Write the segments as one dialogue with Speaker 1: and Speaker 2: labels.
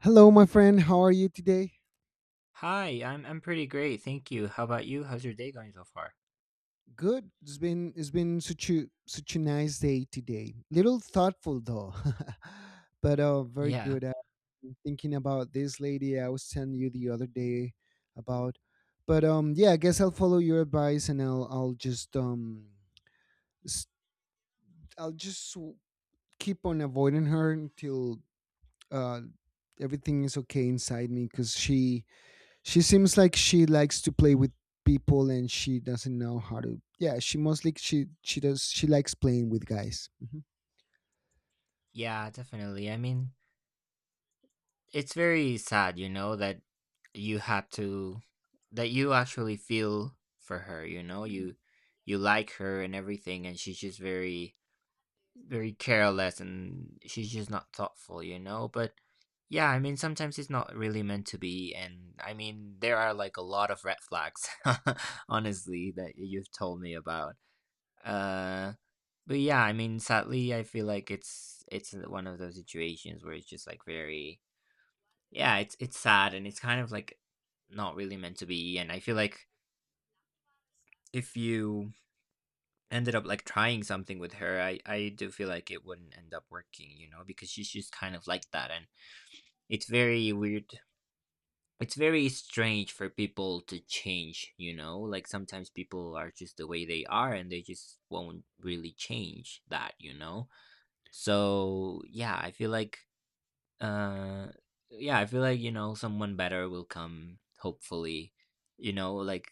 Speaker 1: Hello, my friend. How are you today?
Speaker 2: Hi, I'm pretty great, thank you. How about you? How's your day going so far?
Speaker 1: Good. It's been such a such a nice day today. Little thoughtful though, but very
Speaker 2: Yeah.
Speaker 1: good. I'm thinking about this lady I was telling you the other day about, but yeah, I guess I'll follow your advice and I'll just s- I'll just w- keep on avoiding her until uh everything is okay inside me because she seems like she likes to play with people and she doesn't know how to, yeah, she mostly she likes playing with guys. Mhm.
Speaker 2: Yeah, definitely. I mean, it's very sad, you know, that you had to that you actually feel for her, you know? You like her and everything, and she's just very, very careless, and she's just not thoughtful, you know? But yeah, I mean, sometimes it's not really meant to be. And I mean, there are like a lot of red flags honestly that you've told me about. Uh But yeah, I mean, sadly, I feel like it's one of those situations where it's just like very yeah, it's sad, and it's kind of like not really meant to be. And I feel like if you ended up like trying something with her, I do feel like it wouldn't end up working, you know, because she's just kind of like that, and it's very weird. It's very strange for people to change, you know? Like sometimes people are just the way they are and they just won't really change that, you know? So yeah, uh yeah I feel like you know, someone better will come, hopefully. You know, like,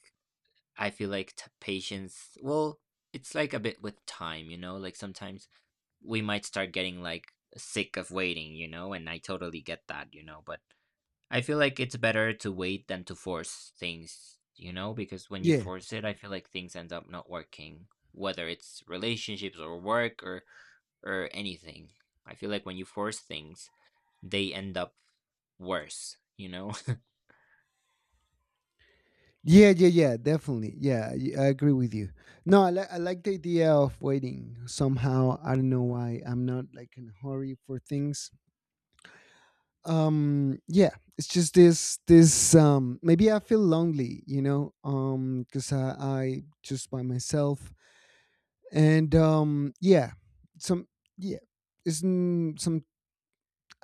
Speaker 2: I feel like patience, well, it's like a bit with time, you know, like sometimes we might start getting like sick of waiting, you know, and I totally get that, you know, but I feel like it's better to wait than to force things, you know, because when you
Speaker 1: yeah
Speaker 2: force it, I feel like things end up not working, whether it's relationships or work or anything. I feel like when you force things, they end up worse, you know?
Speaker 1: yeah, definitely, yeah, I agree with you. No, I like the idea of waiting somehow. I don't know why I'm not like in a hurry for things. Yeah, it's just this, maybe I feel lonely, because I just by myself and yeah. some yeah It's mm, some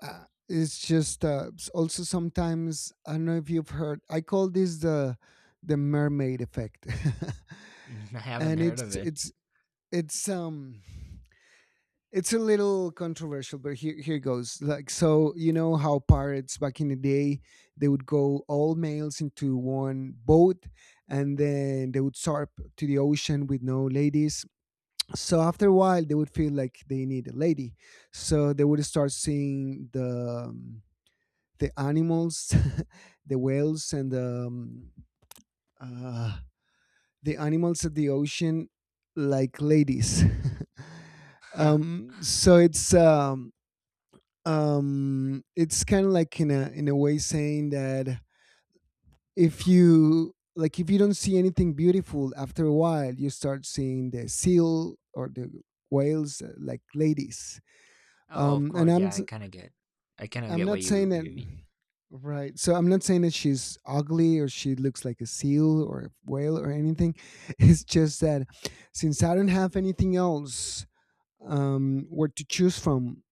Speaker 1: it's just also sometimes, I don't know if you've heard, I call this the mermaid effect.
Speaker 2: I haven't
Speaker 1: And
Speaker 2: heard of it.
Speaker 1: it's um it's a little controversial, but here goes. Like so you know how pirates back in the day, they would go all males into one boat and then they would sarp to the ocean with no ladies. So after a while, they would feel like they need a lady, so they would start seeing the animals, the whales and uh, the animals of the ocean like ladies. So it's kind of like, in a way, saying that if you like, if you don't see anything beautiful after a while, you start seeing the seal or the whales, like ladies.
Speaker 2: Oh, of
Speaker 1: And
Speaker 2: course. Yeah, I kind of get. I kind of
Speaker 1: I'm
Speaker 2: get what
Speaker 1: not
Speaker 2: you
Speaker 1: saying
Speaker 2: what you
Speaker 1: that.
Speaker 2: mean.
Speaker 1: Right, so I'm not saying that she's ugly or she looks like a seal or a whale or anything. It's just that since I don't have anything else, where to choose from,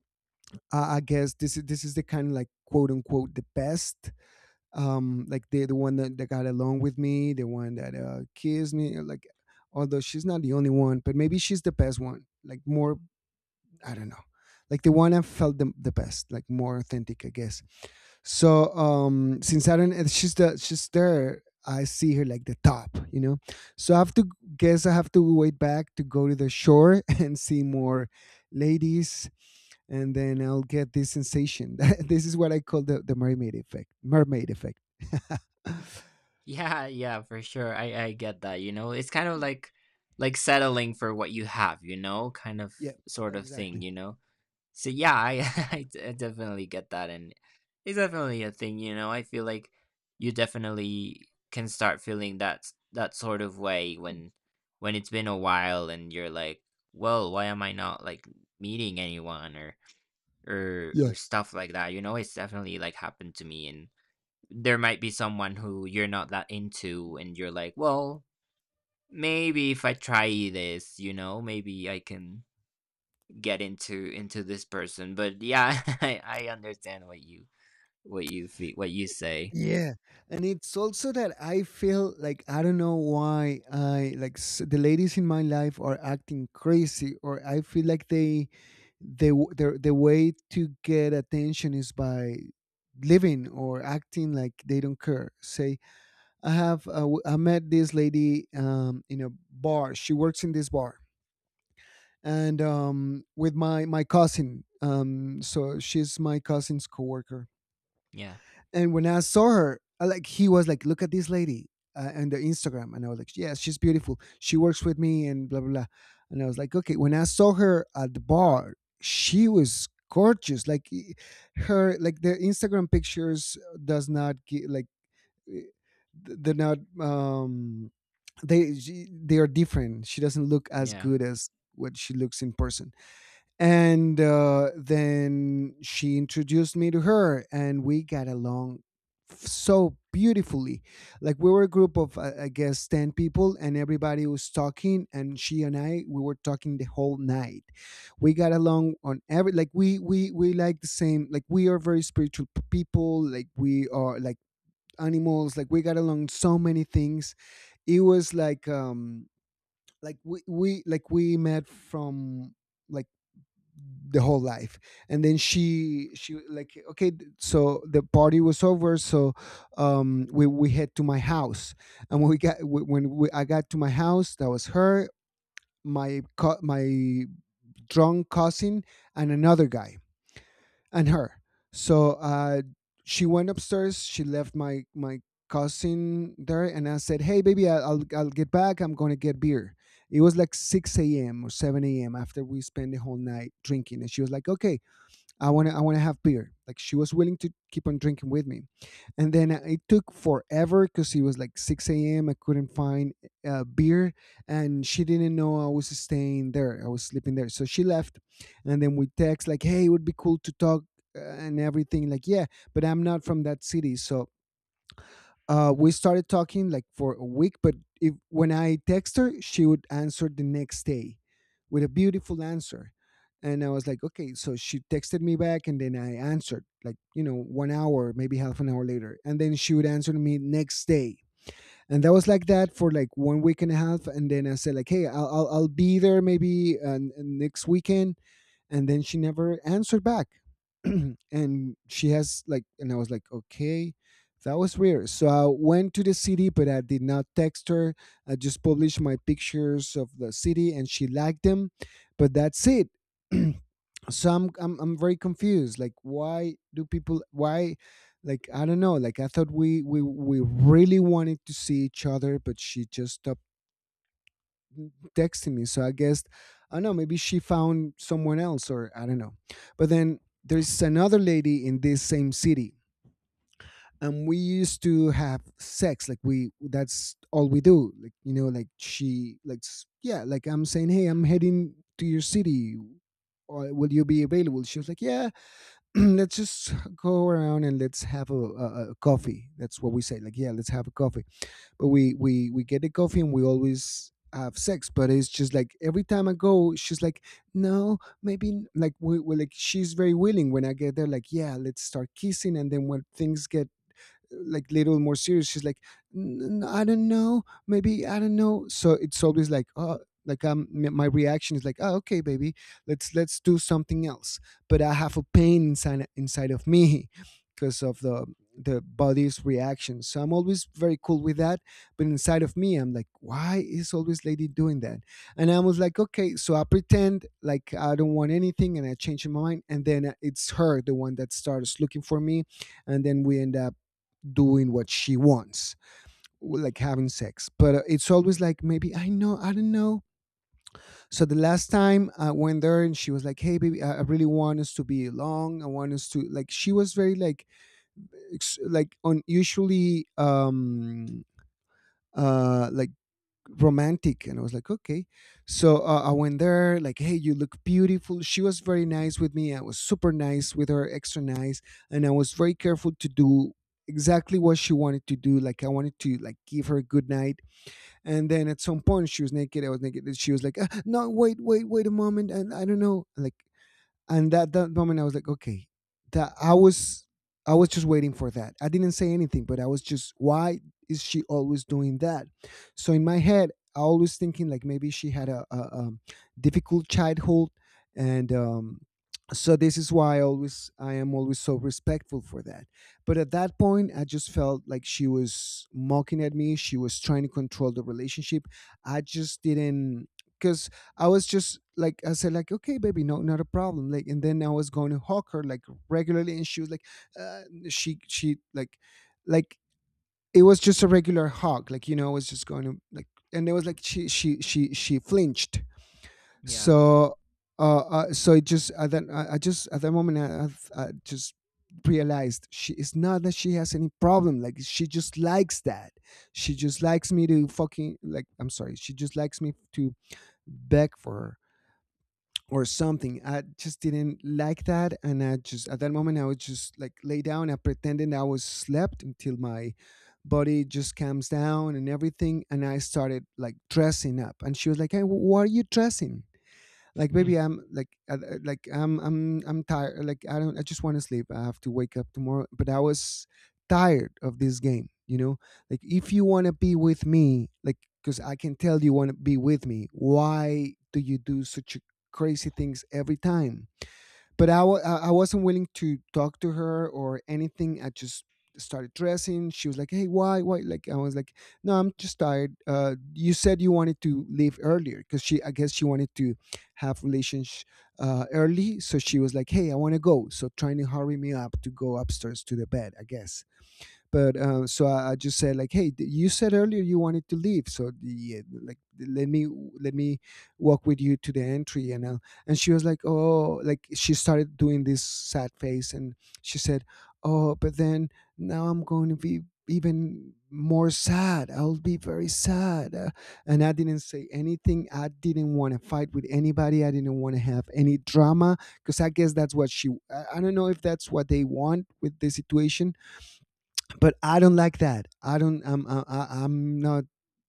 Speaker 1: I guess this is the kind of like quote unquote the best, like the one that got along with me, the one that kissed me, like, although she's not the only one, but maybe she's the best one, like, more, I don't know. Like the one I felt the best, like more authentic, I guess. So since I don't, and she's the she's there, I see her like the top, you know. So I have to, guess I have to wait, back to go to the shore and see more ladies, and then I'll get this sensation. This is what I call the mermaid effect. Mermaid effect.
Speaker 2: Yeah, yeah, for sure. I get that. You know, it's kind of like settling for what you have. You know, kind of
Speaker 1: Yeah,
Speaker 2: sort of
Speaker 1: exactly.
Speaker 2: thing. You know, so yeah, I definitely get that, and it's definitely a thing. You know, I feel like you definitely can start feeling that that sort of way when it's been a while, and you're like, well, why am I not like meeting anyone or or
Speaker 1: Yeah.
Speaker 2: or stuff like that? You know, it's definitely like happened to me, and there might be someone who you're not that into, and you're like, well, maybe if I try this, you know, maybe I can get into this person. But yeah, I understand what you feel, what you say.
Speaker 1: Yeah, and it's also that I feel like I don't know why I like, the ladies in my life are acting crazy, or I feel like their the way to get attention is by living or acting like they don't care. Say, I have I met this lady in a bar. She works in this bar, and with my cousin. So she's my cousin's coworker,
Speaker 2: Yeah,
Speaker 1: and when I saw her, like he was like, "Look at this lady on the Instagram," and I was like, "Yes, she's beautiful. She works with me," and blah blah blah. And I was like, "Okay." When I saw her at the bar, she was gorgeous. Her, like the Instagram pictures does not like, eh, they're not they she, they are different. She doesn't look as
Speaker 2: yeah,
Speaker 1: good as what she looks in person. And then she introduced me to her, and we got along so beautifully. Like we were a group of, I guess, 10 people, and everybody was talking, and she and I, we were talking the whole night. We got along on every, like we like the same, like we are very spiritual people, like we are like animals, like we got along so many things. It was like we met from like the whole life. And then she like okay, so the party was over. So we head to my house, and when we I got to my house, that was her, my drunk cousin and another guy and her. So she went upstairs. She left my cousin there, and I said, "Hey baby, I'll get back, I'm gonna get beer." It was like 6 a.m or 7 a.m after we spent the whole night drinking, and she was like, okay, I want to have beer. Like, she was willing to keep on drinking with me. And then it took forever because it was like six a.m. I couldn't find beer, and she didn't know I was staying there. I was sleeping there, so she left. And then we text like, "Hey, it would be cool to talk," and everything, like, yeah. But I'm not from that city, so we started talking like for a week, but if, when I text her, she would answer the next day with a beautiful answer. And I was like, okay, so she texted me back, and then I answered like, you know, 1 hour, maybe half an hour later. And then she would answer me next day. And that was like that for like 1 week and a half. And then I said like, "Hey, I'll be there maybe next weekend." And then she never answered back. And she has like, and I was like, okay, that was weird. So I went to the city, but I did not text her. I just published my pictures of the city, and she liked them, but that's it. So I'm very confused, like, why do people, why, like, I don't know, like I thought we really wanted to see each other, but she just stopped texting me. So I guess I don't know, maybe she found someone else or I don't know. But then there's another lady in this same city, and we used to have sex, like we that's all we do, like, you know, like she like, yeah, like I'm saying, "Hey, I'm heading to your city, or will you be available?" She was like, yeah. Let's just go around and let's have a coffee. That's what we say, like, yeah, let's have a coffee. But we get the coffee and we always have sex, but it's just like every time I go, she's like no, maybe, like we like she's very willing when I get there, like yeah let's start kissing, and then when things get like little more serious, she's like, I don't know, maybe, I don't know." So it's always like, oh, like my reaction is like, "Oh, okay baby, let's do something else." But I have a pain inside of me because of the body's reaction. So I'm always very cool with that, but inside of me I'm like, why is always lady doing that? And I was like, okay, so I pretend like I don't want anything, and I change my mind, and then it's her, the one that starts looking for me, and then we end up doing what she wants, like having sex. But it's always like, maybe, I know, I don't know. So the last time I went there, and she was like, "Hey baby, I really want us to be long, I want us to," like she was very like like unusually like romantic. And I was like, okay. So I went there, like, "Hey, you look beautiful." She was very nice with me, I was super nice with her, extra nice, and I was very careful to do exactly what she wanted to do, like I wanted to like give her a good night. And then at some point, she was naked, I was naked, and she was like, "Ah, no, wait, wait, wait a moment," and I don't know, like. And that moment I was like, okay, that I was just waiting for that. I didn't say anything, but I was just, why is she always doing that? So in my head I always thinking like, maybe she had a, difficult childhood. And so this is why I always, I am always so respectful for that. But at that point I just felt like she was mocking at me, she was trying to control the relationship. I just didn't, because I was just like, I said, like, okay baby, no, not a problem, like, and then I was going to hug her like regularly, and she was like uh, she like it was just a regular hug, like, you know, I was just going to, like, and it was like she flinched.
Speaker 2: yeah,
Speaker 1: So so it just at that I just at that moment I just realized she, it's not that she has any problem, like she just likes that. She just likes me to fucking, like, I'm sorry, she just likes me to beg for her or something. I just didn't like that, and I just at that moment I would just like lay down. I pretended I was slept until my body just calms down and everything, and I started like dressing up. And she was like, "Hey, why are you dressing?" Like, maybe I'm like I'm tired, like I don't, I just want to sleep, I have to wake up tomorrow. But I was tired of this game, you know. Like, if you want to be with me, like because I can tell you want to be with me, why do you do such crazy things every time? But I I wasn't willing to talk to her or anything. I just started dressing. She was like, "Hey, why? Why?" Like I was like, "No, I'm just tired. You said you wanted to leave earlier," because she, I guess, she wanted to have relations early. So she was like, "Hey, I want to go." So trying to hurry me up to go upstairs to the bed, I guess. But so I just said like, hey, you said earlier you wanted to leave, so the, yeah, like let me walk with you to the entry, and I'll, and she was like, oh, like she started doing this sad face, and she said, oh, but then now I'm going to be even more sad. I'll be very sad. And I didn't say anything. I didn't want to fight with anybody. I didn't want to have any drama because I guess that's what she. I don't know if that's what they want with the situation, but I don't like that. I don't. I'm. I'm not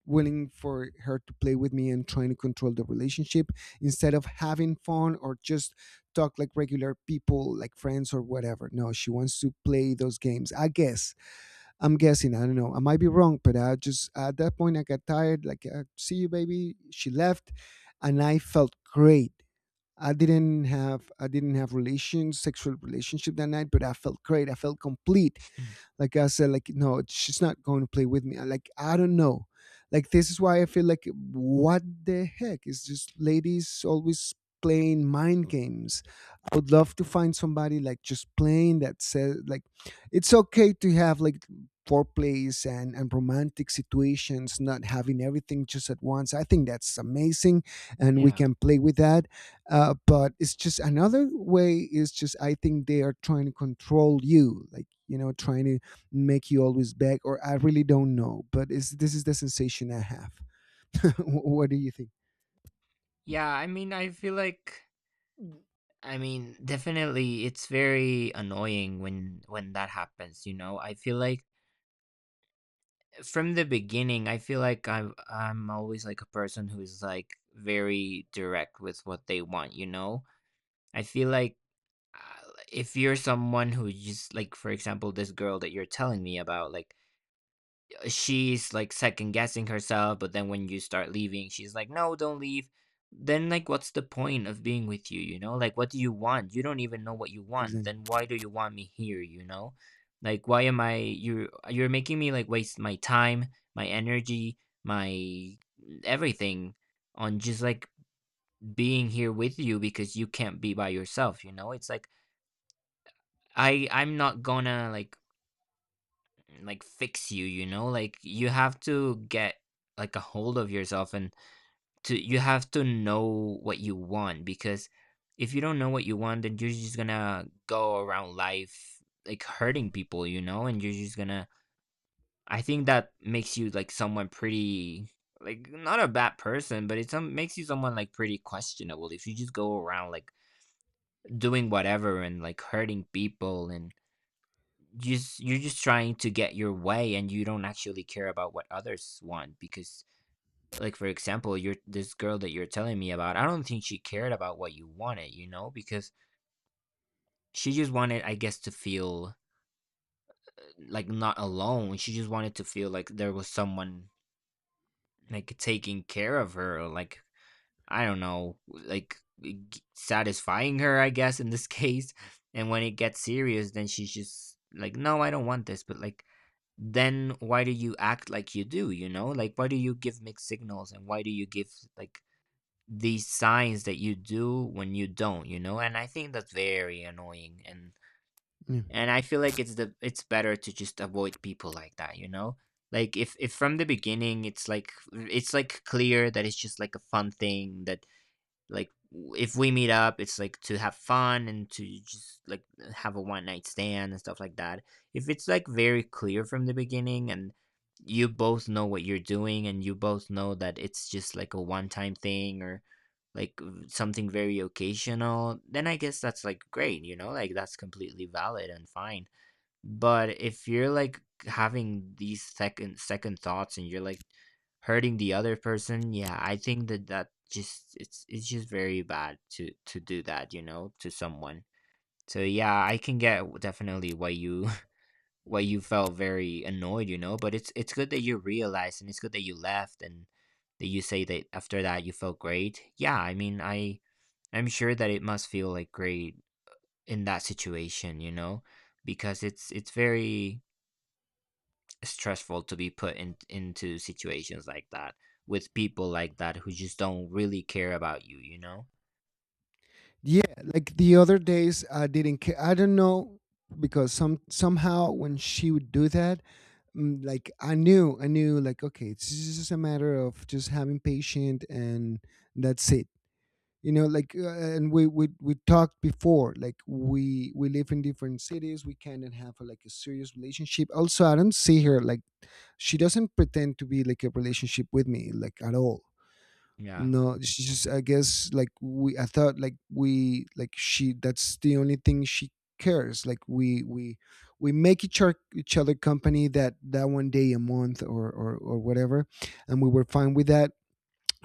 Speaker 1: willing for her to play with me and trying to control the relationship instead of having fun or just talk like regular people, like friends or whatever. No, she wants to play those games. I guess. I'm guessing. I don't know. I might be wrong, but I just at that point I got tired. Like, see you, baby. She left, and I felt great. I didn't have relations, sexual relationship that night, but I felt great. I felt complete. Like I said, like no, she's not going to play with me. I like I don't know. Like this is why I feel like what the heck is just ladies always playing mind games. I would love to find somebody like just playing that says like it's okay to have like foreplays and romantic situations, not having everything just at once. I think that's amazing, and we
Speaker 2: yeah,
Speaker 1: can play with that. But it's just another way, is just I think they are trying to control you, like, you know, trying to make you always beg, or I really don't know, but it's, this is the sensation I have. What do you think?
Speaker 2: yeah. I mean, I feel like I mean, definitely, it's very annoying when that happens. You know, I feel like from the beginning, I feel like I'm always like a person who's like very direct with what they want. You know, I feel like uh, if you're someone who just like, for example, this girl that you're telling me about, like, she's like second guessing herself, but then when you start leaving, she's like, "No, don't leave." Then, like, what's the point of being with you, you know? Like, what do you want? You don't even know what you want. Then
Speaker 1: Exactly.
Speaker 2: why do you want me here, you know? Like, why am I you are you're making me like waste my time, my energy, my everything on just like being here with you because you can't be by yourself, you know? It's like I'm not gonna like fix you, you know, like you have to get like a hold of yourself, and to you have to know what you want because if you don't know what you want, then you're just gonna go around life like hurting people, you know, and you're just gonna I think that makes you like someone pretty, like not a bad person but makes you someone like pretty questionable if you just go around like doing whatever and like hurting people, and just you're just trying to get your way and you don't actually care about what others want because, like, for example, you're this girl that you're telling me about, I don't think she cared about what you wanted, you know, because she just wanted, I guess, to feel like not alone. She just wanted to feel like there was someone like taking care of her, or like, I don't know, like, satisfying her, I guess, in this case. And when it gets serious, then she's just like, no, I don't want this. But like, then why do you act like you do? You know, like, why do you give mixed signals and why do you give, like, these signs that you do when you don't? You know, and I think that's very annoying. And
Speaker 1: Yeah,
Speaker 2: and I feel like it's better to just avoid people like that. You know, like, if from the beginning it's like, clear that it's just like a fun thing, that, like, if we meet up, it's like to have fun and to just like have a one night stand and stuff like that. If it's like very clear from the beginning and you both know what you're doing and you both know that it's just like a one time thing or, like, something very occasional, then I guess that's like great, you know? Like, that's completely valid and fine. But if you're like having these second thoughts and you're like hurting the other person, yeah, I think that just it's just very bad to do that, you know, to someone. So yeah, I can get definitely why you why you felt very annoyed, you know, but it's good that you realized and it's good that you left and that you say that after that you felt great. Yeah, I mean, I'm sure that it must feel like great in that situation, you know, because it's very stressful to be put into situations like that with people like that who just don't really care about you, you know?
Speaker 1: yeah, like the other days I didn't care, I don't know, because some somehow when she would do that, like I knew, I knew, like, okay, it's just a matter of just having patient, and that's it, you know. Like, and we talked before like we live in different cities, we cannot have like a serious relationship. Also, I don't see her like, she doesn't pretend to be like a relationship with me like at all.
Speaker 2: Yeah.
Speaker 1: No, she's just, I guess, like we, I thought like we, like she, that's the only thing she cares. Like we make each, our, each other company that that one day a month or whatever, and we were fine with that.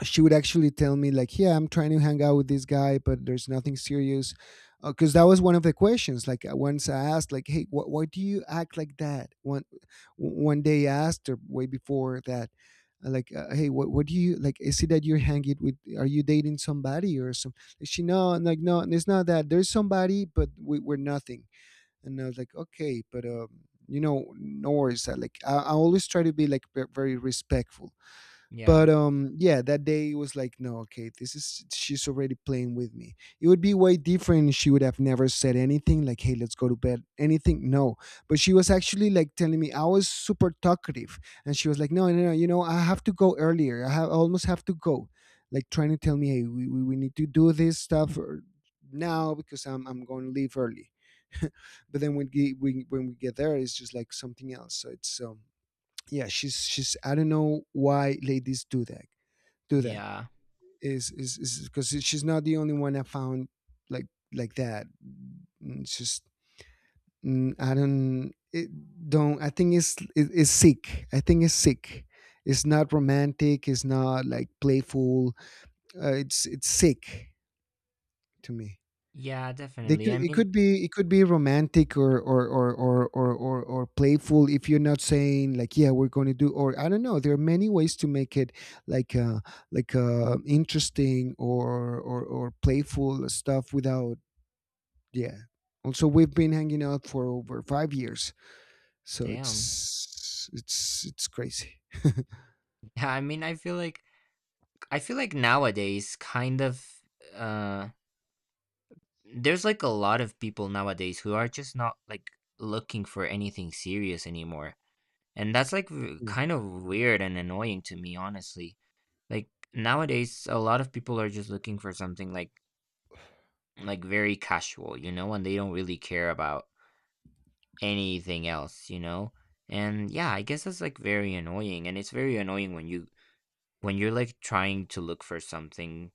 Speaker 1: She would actually tell me like, yeah, I'm trying to hang out with this guy, but there's nothing serious. Because that was one of the questions, like once I asked like, hey, why do you act like that? One one day I asked her way before that, like hey, what do you, like, is it that you're hanging with, are you dating somebody or some. She, no, I'm like, no, it's not that there's somebody, but we're nothing. And I was like, okay, but um, you know, no worries. Like I always try to be like very respectful. But
Speaker 2: Yeah.
Speaker 1: yeah, that day it was like, no, okay, this is, she's already playing with me. It would be way different if she would have never said anything like, hey, let's go to bed. Anything, no. But she was actually like telling me I was super talkative, and she was like, no, no, no, you know, I have to go earlier. I almost have to go, like trying to tell me, hey, we need to do this stuff or- now, because I'm going to leave early. But then when we get there, it's just like something else. So it's yeah, she's I don't know why ladies do that do that.
Speaker 2: Yeah.
Speaker 1: Is is because she's not the only one I found like like that. Mm, it's just, I don't, it don't, I think it's it's sick. I think it's sick. It's not romantic, it's not like playful. It's sick to me.
Speaker 2: Yeah,
Speaker 1: They could,
Speaker 2: definitely. I
Speaker 1: it
Speaker 2: mean,
Speaker 1: could be, it could be romantic or playful if you're not saying like, yeah, we're going to do, or I don't know, there are many ways to make it like uh like interesting or playful stuff without. Yeah. Also, we've been hanging out for over 5 years, so
Speaker 2: damn.
Speaker 1: it's crazy.
Speaker 2: Yeah, I mean, I feel like nowadays kind of, uh there's like a lot of people nowadays who are just not like looking for anything serious anymore. And that's like,
Speaker 1: Yeah.
Speaker 2: kind of weird and annoying to me, honestly. Like, nowadays a lot of people are just looking for something like, very casual, you know, and they don't really care about anything else, you know? And yeah, I guess that's like very annoying, and it's very annoying when you're like trying to look for something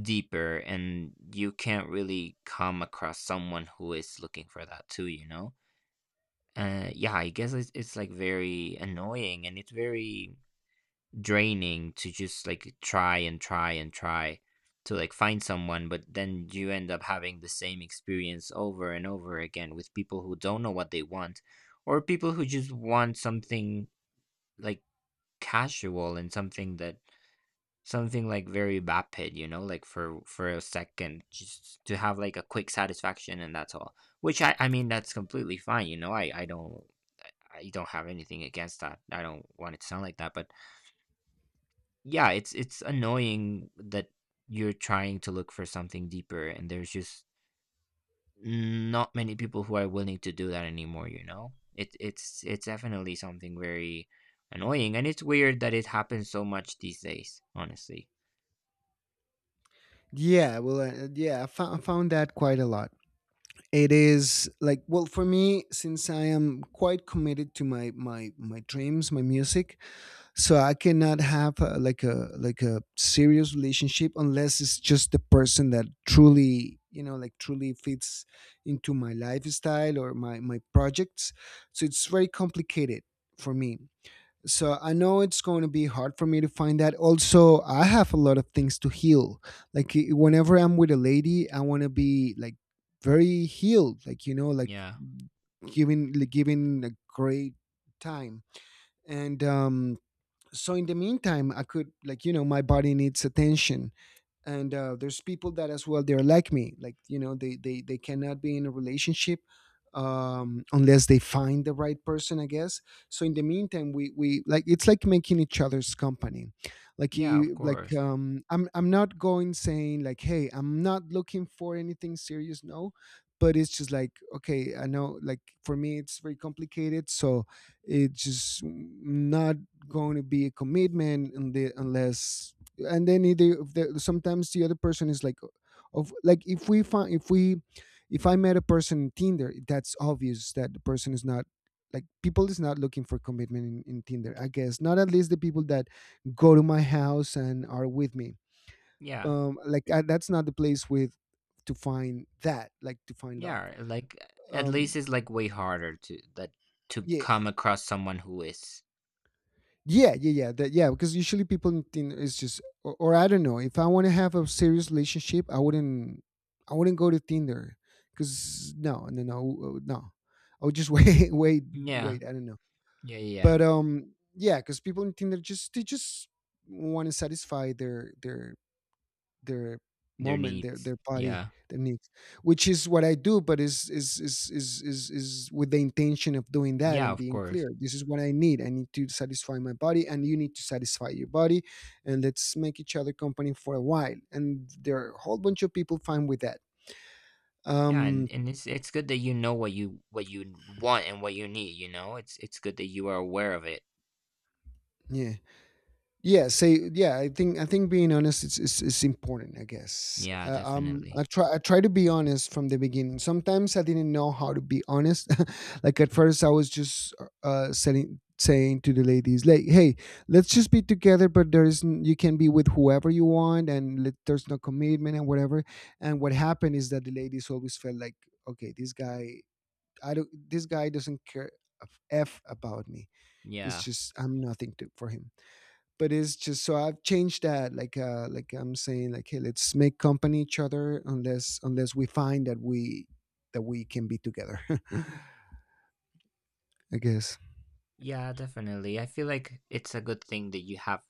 Speaker 2: deeper and you can't really come across someone who is looking for that too, you know? Yeah, I guess it's like very annoying, and it's very draining to just like try and try and try to like find someone, but then you end up having the same experience over and over again with people who don't know what they want, or people who just want something like casual, and something like very vapid, you know, like, for a second, just to have like a quick satisfaction, and that's all, which, I mean, that's completely fine, you know. I don't have anything against that, I don't want it to sound like that, but yeah, it's annoying that you're trying to look for something deeper, and there's just not many people who are willing to do that anymore, you know? It's definitely something very annoying, and it's weird that it happens so much these days, honestly.
Speaker 1: Yeah, well, yeah, found that quite a lot. It is like, well, for me, since I am quite committed to my my dreams, my music, so I cannot have like a serious relationship unless it's just the person that truly, you know, like truly fits into my lifestyle or my projects. So it's very complicated for me. So I know it's going to be hard for me to find that. Also, I have a lot of things to heal. Like whenever I'm with a lady, I want to be like very healed, like, you know,
Speaker 2: Yeah.
Speaker 1: like, giving a great time. And um, so in the meantime, I could, like, you know, my body needs attention. And there's people that as well, they're like me, like, you know, they cannot be in a relationship unless they find the right person, I guess. So in the meantime, we like, it's like making each other's company. Like
Speaker 2: Yeah, of
Speaker 1: like
Speaker 2: course.
Speaker 1: I'm not going saying like, hey, I'm not looking for anything serious, no. But it's just like, okay, I know, like for me it's very complicated, so it's just not going to be a commitment unless. And then it- the, sometimes the other person is like of, like if we find, if we, if I met a person in Tinder, that's obvious that the person is not like, people is not looking for commitment in Tinder, I guess, not at least the people that go to my house and are with me.
Speaker 2: Yeah.
Speaker 1: Um, like that's not the place with to find that, like to find love.
Speaker 2: Yeah, like, at
Speaker 1: Um,
Speaker 2: least it's like way harder to
Speaker 1: yeah.
Speaker 2: come across someone who is.
Speaker 1: Yeah, yeah, yeah. That, yeah, because usually people think it's just, or I don't know. If I want to have a serious relationship, I wouldn't, I wouldn't go to Tinder, because no, no, no, no. I would just wait, wait,
Speaker 2: Yeah.
Speaker 1: wait. I don't know,
Speaker 2: Yeah, yeah. Yeah.
Speaker 1: but yeah, because people in Tinder just want to satisfy their
Speaker 2: Their
Speaker 1: moment, their
Speaker 2: needs.
Speaker 1: their body,
Speaker 2: Yeah.
Speaker 1: their needs, which is what I do. But is with the intention of doing that
Speaker 2: Yeah,
Speaker 1: and
Speaker 2: of
Speaker 1: being
Speaker 2: course.
Speaker 1: clear. This is what I need. I need to satisfy my body and you need to satisfy your body and let's make each other company for a while, and there are a whole bunch of people fine with that.
Speaker 2: Yeah,
Speaker 1: um
Speaker 2: and it's good that you know what you want and what you need, you know? It's good that you are aware of it.
Speaker 1: yeah, yeah, say yeah, I think I think being honest is important, I guess.
Speaker 2: Yeah,
Speaker 1: I
Speaker 2: definitely.
Speaker 1: try, I try to be honest from the beginning. Sometimes I didn't know how to be honest. Like at
Speaker 2: Mm.
Speaker 1: first I was just saying to the ladies like, hey, let's just be together, but there is you can be with whoever you want, and there's no commitment and whatever. And what happened is that the ladies always felt like, okay, this guy, I don't this guy doesn't care a f about me. It's
Speaker 2: Yeah.
Speaker 1: just I'm nothing for him. But it's just, so I've changed that. Like, like I'm saying, like, hey, let's make company each other unless we find that we can be together. I guess.
Speaker 2: Yeah, definitely. I feel like it's a good thing that you have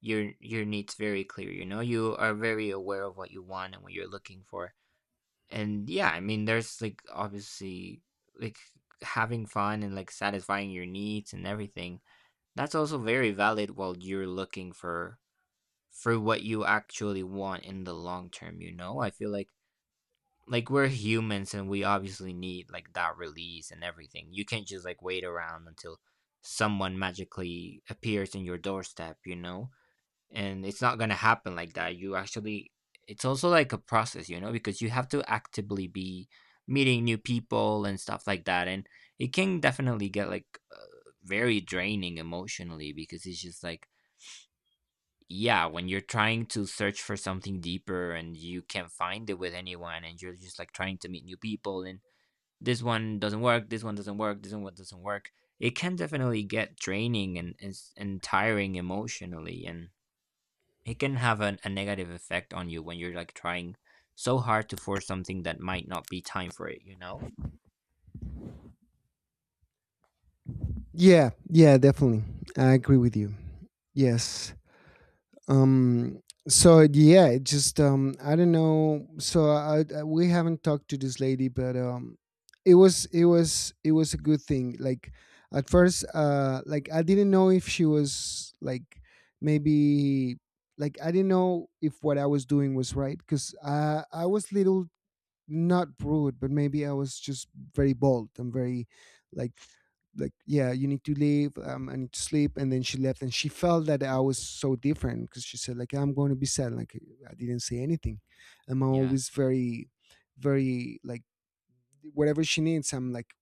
Speaker 2: your needs very clear, you know? You are very aware of what you want and what you're looking for. And yeah, I mean, there's like obviously like having fun and like satisfying your needs and everything. That's also very valid while you're looking for what you actually want in the long term, you know? I feel like, we're humans, and we obviously need like that release and everything. You can't just like wait around until someone magically appears in your doorstep, you know? And it's not going to happen like that. You actually It's also like a process, you know, because you have to actively be meeting new people and stuff like that, and it can definitely get like, very draining emotionally, because it's just like, yeah, when you're trying to search for something deeper and you can't find it with anyone, and you're just like trying to meet new people, and this one doesn't work, this one doesn't work, this one doesn't work. It can definitely get draining and, and tiring emotionally, and it can have a negative effect on you when you're like trying so hard to force something that might not be time for it, you know?
Speaker 1: Yeah, yeah, definitely. I agree with you. Yes. um so yeah, it just, I don't know. So I, we haven't talked to this lady, but um, it was it was a good thing. Like at first, like I didn't know if she was like maybe, like I didn't know if what I was doing was right, because I was little, not rude, but maybe I was just very bold. I'm very like like, yeah, you need to leave. I need to sleep. And then she left, and she felt that I was so different because she said like, I'm going to be sad. Like, I didn't say anything. I'm
Speaker 2: Yeah.
Speaker 1: always very, very like, whatever she needs, I'm like,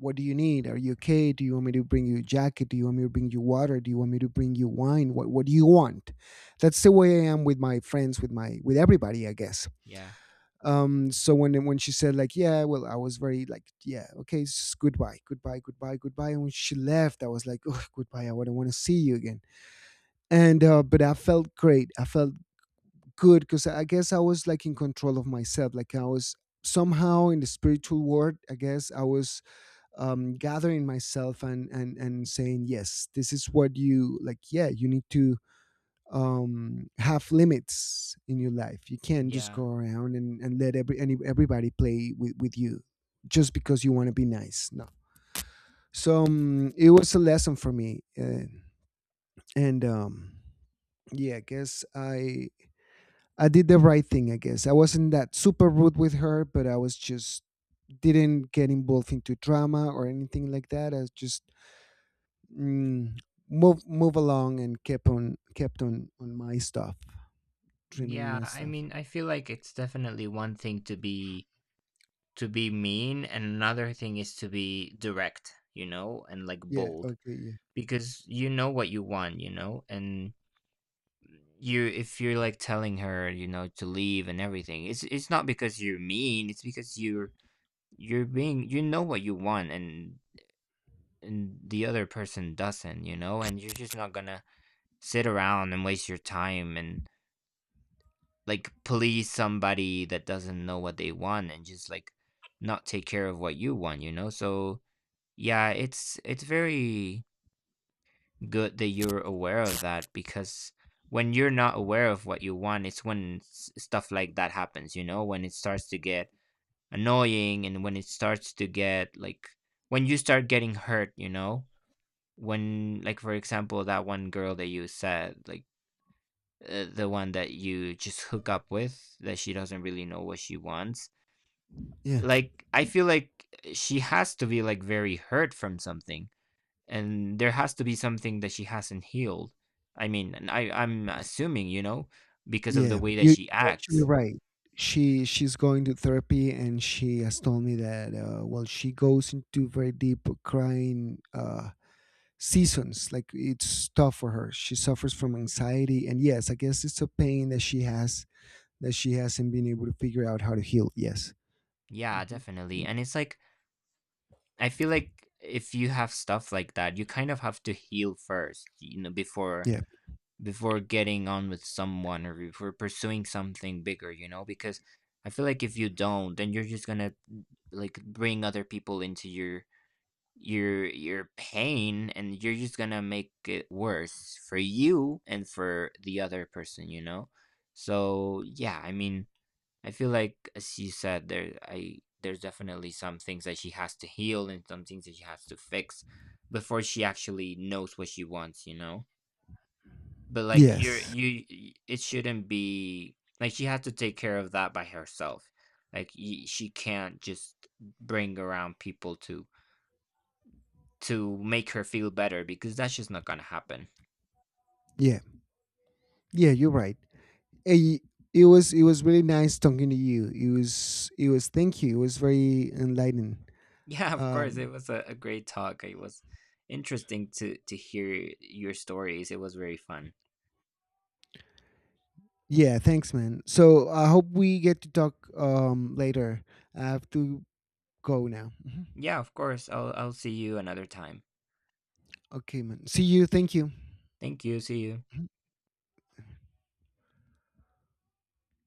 Speaker 1: what do you need? Are you okay? Do you want me to bring you a jacket? Do you want me to bring you water? Do you want me to bring you wine? What do you want? That's the way I am with my friends, with my, with everybody, I guess.
Speaker 2: Yeah.
Speaker 1: So when she said like, yeah, well, I was very like, yeah, okay, goodbye, goodbye, goodbye, goodbye. And when she left, I was like, oh, goodbye, I wouldn't want to see you again. And but I felt great, I felt good, because I guess I was like in control of myself. Like I was somehow in the spiritual world, I guess. I was gathering myself and and saying, yes, this is what you, like, yeah, you need to have limits in your life. You can't just
Speaker 2: Yeah.
Speaker 1: go around and let everybody play with you just because you want to be nice. No. So it was a lesson for me. And Yeah, I guess I did the right thing. I guess I wasn't that super rude with her, but I was just, didn't get involved into drama or anything like that. I just, mm, move along and kept on on my stuff, trimming
Speaker 2: Yeah,
Speaker 1: my
Speaker 2: I
Speaker 1: stuff.
Speaker 2: mean, I feel like it's definitely one thing to be mean, and another thing is to be direct, you know, and like
Speaker 1: Yeah,
Speaker 2: bold,
Speaker 1: okay. Yeah.
Speaker 2: because you know what you want, you know, and you if you're like telling her, you know, to leave and everything, it's not because you're mean, it's because you're being, you know, what you want, and the other person doesn't, you know, and you're just not gonna sit around and waste your time and like police somebody that doesn't know what they want and just like not take care of what you want, you know, so yeah, it's very good that you're aware of that, because when you're not aware of what you want, it's when stuff like that happens, you know, when it starts to get annoying and when it starts to get like, when you start getting hurt, you know, when, like, for example, that one girl that you said, like, the one that you just hook up with, that she doesn't really know what she wants.
Speaker 1: Yeah,
Speaker 2: Like, I feel like she has to be like very hurt from something, and there has to be something that she hasn't healed. I mean, and I'm assuming, you know, because of the
Speaker 1: yeah.
Speaker 2: way that
Speaker 1: You,
Speaker 2: she
Speaker 1: you're actually
Speaker 2: acts.
Speaker 1: right. She, she's going to therapy, and she has told me that, well, she goes into very deep crying, seasons. Like, it's tough for her. She suffers from anxiety, and yes, I guess it's a pain that she has, that she hasn't been able to figure out how to heal. Yes.
Speaker 2: Yeah,
Speaker 1: Hmm.
Speaker 2: definitely. And it's like, I feel like if you have stuff like that, you kind of have to heal first, you know, before
Speaker 1: Yeah.
Speaker 2: getting on with someone, or before pursuing something bigger, you know, because I feel like if you don't, then you're just gonna like bring other people into your your pain, and you're just gonna make it worse for you and for the other person, you know, so yeah, I mean, I feel like, as you said, there, I there's definitely some things that she has to heal, and some things that she has to fix before she actually knows what she wants, you know. But like,
Speaker 1: Yes.
Speaker 2: it shouldn't be like she has to take care of that by herself. Like, she can't just bring around people to make her feel better, because that's just not gonna happen.
Speaker 1: Yeah. Yeah, you're right. Eh, it was it was really nice talking to you. It was, it was, thank you. It was very enlightening.
Speaker 2: Yeah, of course, it
Speaker 1: Um,
Speaker 2: was a great talk. It was interesting to hear your stories. It was very fun.
Speaker 1: Yeah, thanks, man. So I hope we get to talk, later. I have to go now. Mhm.
Speaker 2: Yeah, of course. I'll see you another time.
Speaker 1: Okay, man. See you. Thank you.
Speaker 2: Thank you. See you.